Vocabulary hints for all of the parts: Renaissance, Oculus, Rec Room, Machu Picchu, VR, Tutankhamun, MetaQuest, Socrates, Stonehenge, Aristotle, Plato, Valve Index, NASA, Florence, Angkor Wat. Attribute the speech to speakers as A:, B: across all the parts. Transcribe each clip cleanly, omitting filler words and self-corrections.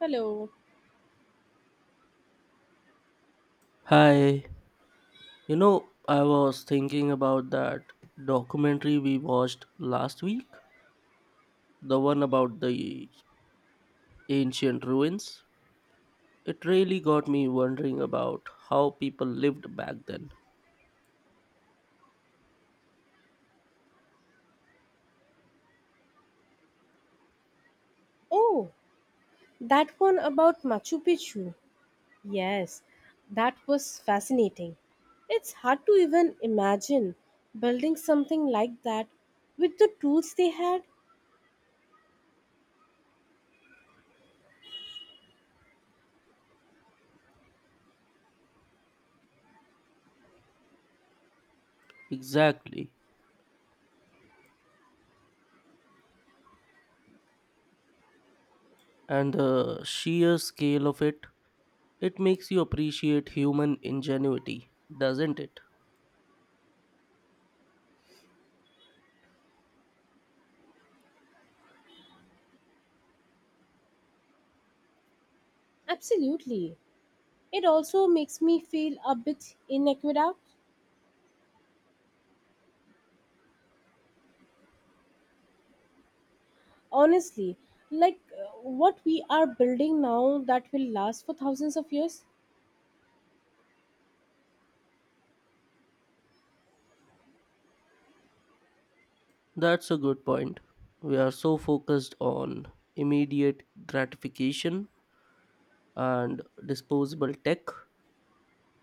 A: Hello.
B: Hi, I was thinking about that documentary we watched last week, the one about the ancient ruins. It really got me wondering about how people lived back then.
A: Oh, that one about Machu Picchu. Yes, that was fascinating. It's hard to even imagine building something like that with the tools they had.
B: Exactly. And the sheer scale of it, it makes you appreciate human ingenuity, doesn't it?
A: Absolutely. It also makes me feel a bit inequitable, honestly, like uh, what we are building now that will last for thousands of years.
B: That's a good point. We are so focused on immediate gratification and disposable tech.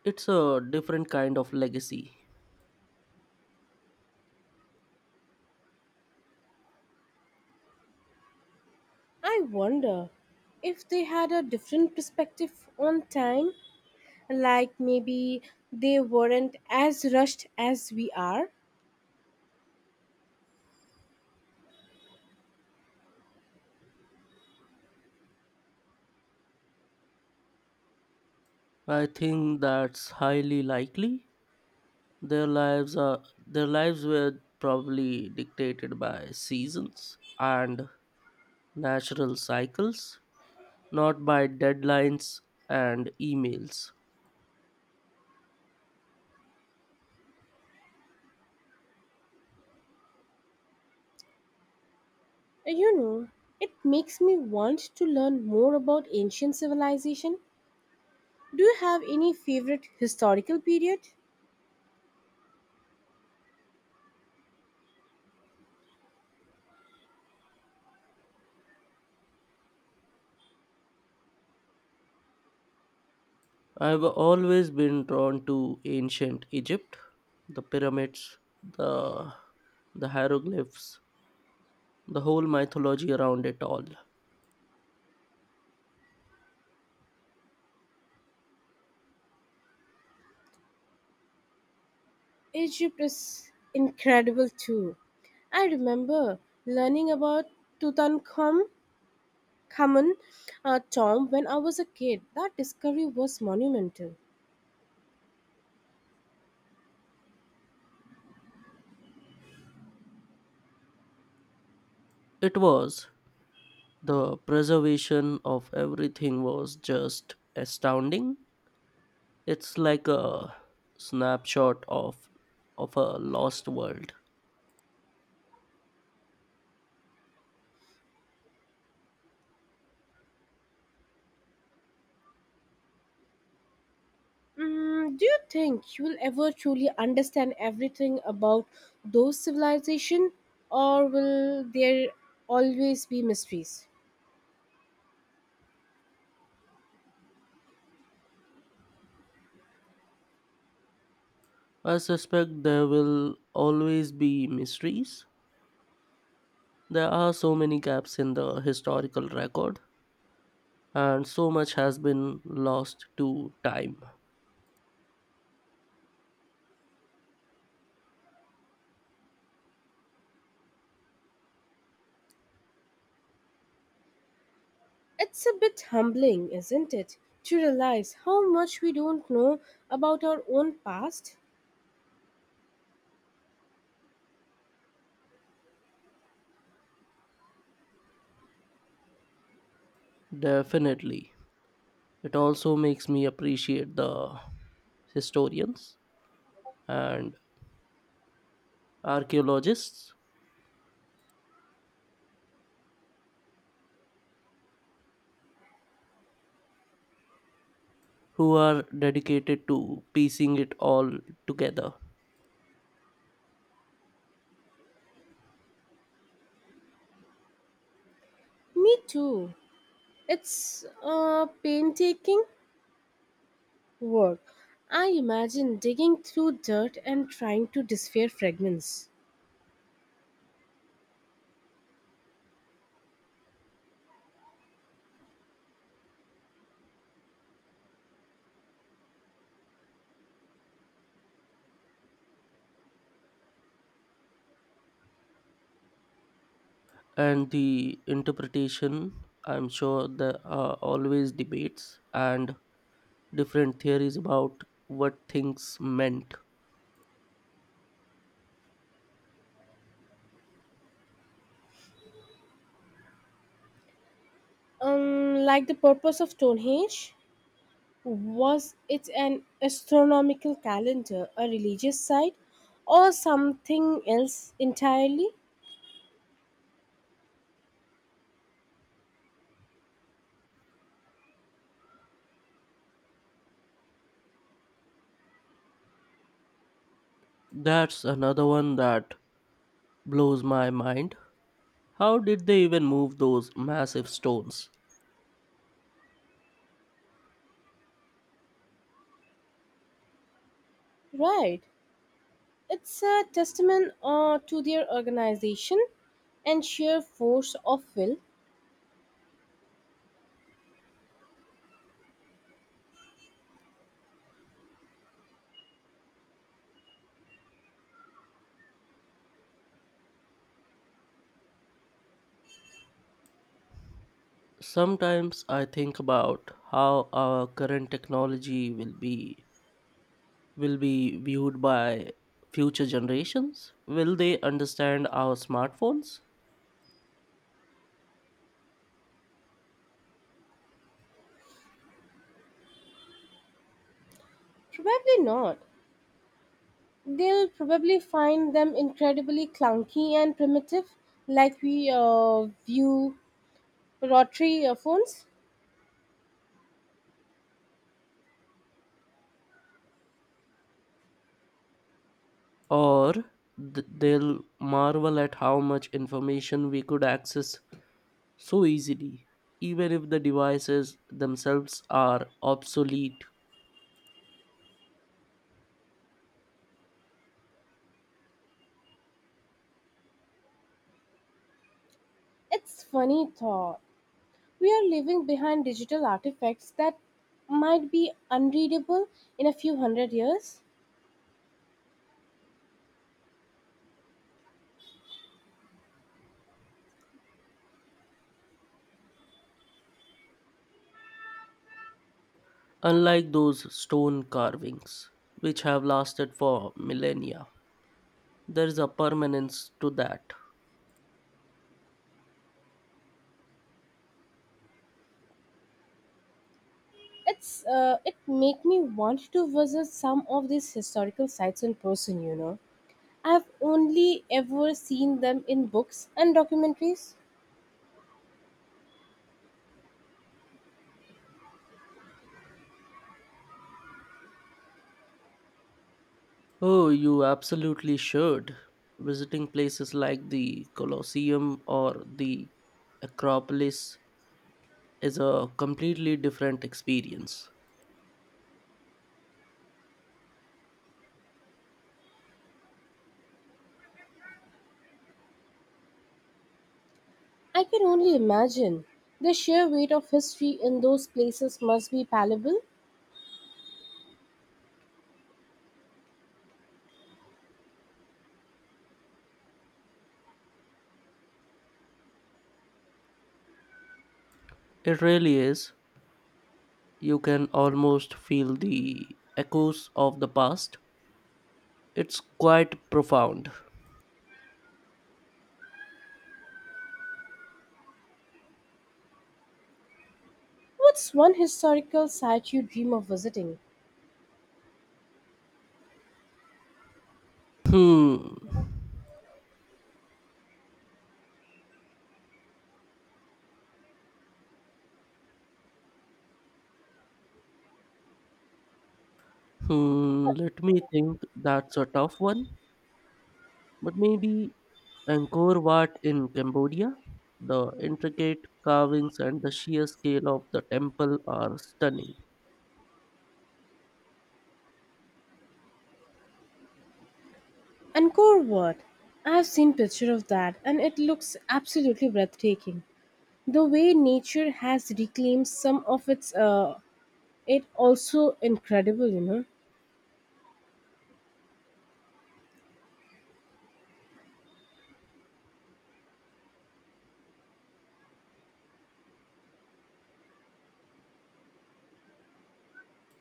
B: It's a different kind of legacy.
A: I wonder if they had a different perspective on time, like maybe they weren't as rushed as we are.
B: I think that's highly likely. Their lives were probably dictated by seasons and natural cycles, not by deadlines and emails.
A: You know, it makes me want to learn more about ancient civilization. Do you have any favorite historical period?
B: I've always been drawn to ancient Egypt, the pyramids, the the hieroglyphs, the whole mythology around it all.
A: Egypt is incredible too. I remember learning about Tutankhamun, Khamun, tomb when I was a kid. That discovery was monumental.
B: It was. The preservation of everything was just astounding. It's like a snapshot of a lost world.
A: Mm, do you think you'll ever truly understand everything about those civilization, or will there always be mysteries?
B: I suspect there will always be mysteries. There are so many gaps in the historical record and so much has been lost to time.
A: It's a bit humbling, isn't it, to realize how much we don't know about our own past?
B: Definitely. It also makes me appreciate the historians and archaeologists who are dedicated to piecing it all together.
A: Me too. It's painstaking work. I imagine digging through dirt and trying to decipher fragments.
B: And the interpretation, I'm sure there are always debates and different theories about what things meant.
A: Like the purpose of Stonehenge? Was it an astronomical calendar, a religious site, or something else entirely?
B: That's another one that blows my mind. How did they even move those massive stones?
A: Right. It's a testament to their organization and sheer force of will.
B: Sometimes I think about how our current technology will be viewed by future generations. Will they understand our smartphones?
A: Probably not. They'll probably find them incredibly clunky and primitive, like we view rotary phones.
B: Or they'll marvel at how much information we could access so easily, even if the devices themselves are obsolete,
A: It's funny thought. We are leaving behind digital artifacts that might be unreadable in a few hundred years.
B: unlike those stone carvings, which have lasted for millennia. There is a permanence to that.
A: It's it make me want to visit some of these historical sites in person. I've only ever seen them in books and documentaries.
B: Oh, you absolutely should. Visiting places like the Colosseum or the Acropolis is a completely different experience.
A: I can only imagine the sheer weight of history in those places must be palpable.
B: It really is. You can almost feel the echoes of the past. It's quite profound.
A: What's one historical site you dream of visiting?
B: Hmm. Hmm. Let me think. That's a tough one. But maybe Angkor Wat in Cambodia, the intricate carvings and the sheer scale of the temple are stunning.
A: Angkor Wat. I've seen picture of that and it looks absolutely breathtaking. The way nature has reclaimed some of its, it also incredible.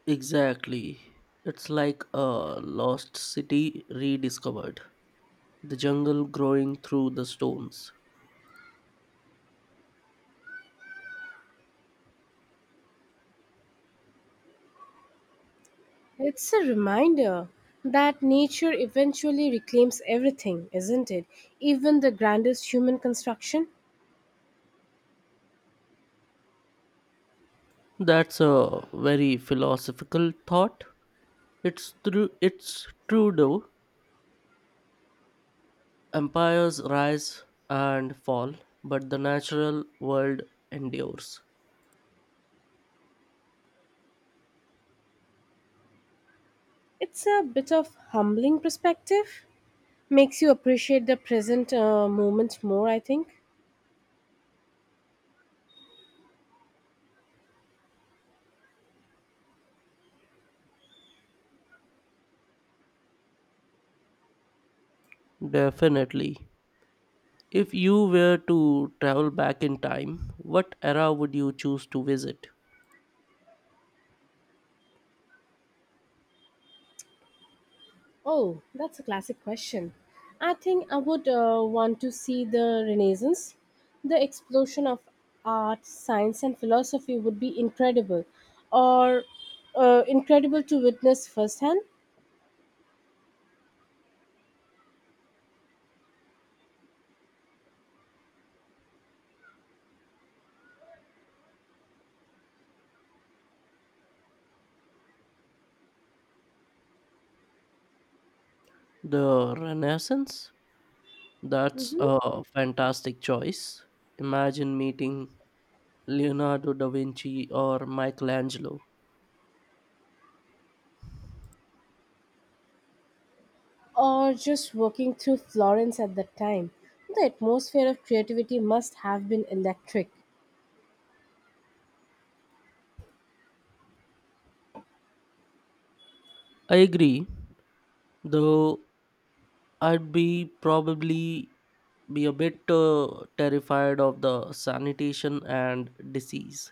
B: Exactly. It's like a lost city rediscovered, the jungle growing through the stones.
A: It's a reminder that nature eventually reclaims everything, isn't it? Even the grandest human construction.
B: That's a very philosophical thought. It's true though. Empires rise and fall, but the natural world endures.
A: It's a bit of humbling perspective. Makes you appreciate the present moment more, I think.
B: Definitely. If you were to travel back in time, what era would you choose to visit?
A: Oh, that's a classic question. I think I would want to see the Renaissance. The explosion of art, science, and philosophy would be incredible, or incredible to witness firsthand.
B: The Renaissance? That's
A: hmm
B: a fantastic choice. Imagine meeting Leonardo da Vinci or Michelangelo.
A: or just walking through Florence at that time. The atmosphere of creativity must have been electric.
B: I agree, though I'd be probably be a bit terrified of the sanitation and disease.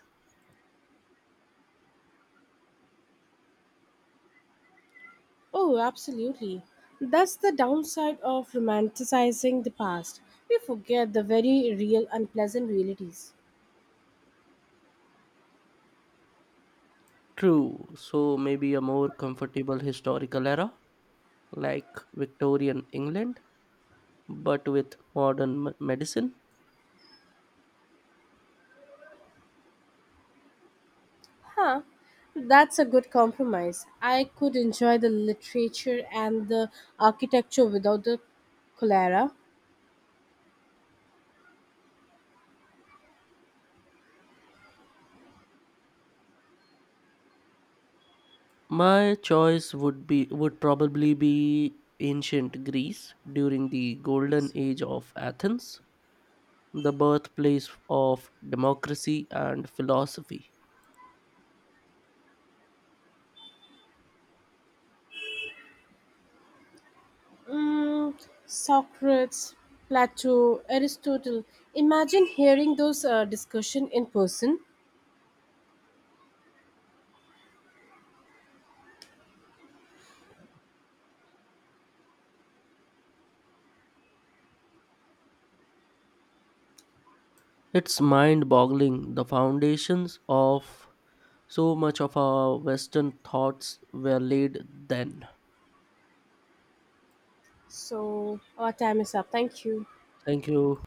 A: Oh, absolutely. That's the downside of romanticizing the past. We forget the very real, unpleasant realities.
B: True, so maybe a more comfortable historical era like Victorian England, but with modern medicine.
A: Huh, that's a good compromise. I could enjoy the literature and the architecture without the cholera.
B: My choice would probably be ancient Greece during the golden age of Athens, the birthplace of democracy and philosophy.
A: Mm, Socrates, Plato, Aristotle. Imagine hearing those discussion in person.
B: It's mind boggling, the foundations of so much of our Western thoughts were laid then.
A: So our time is up. Thank you.
B: Thank you.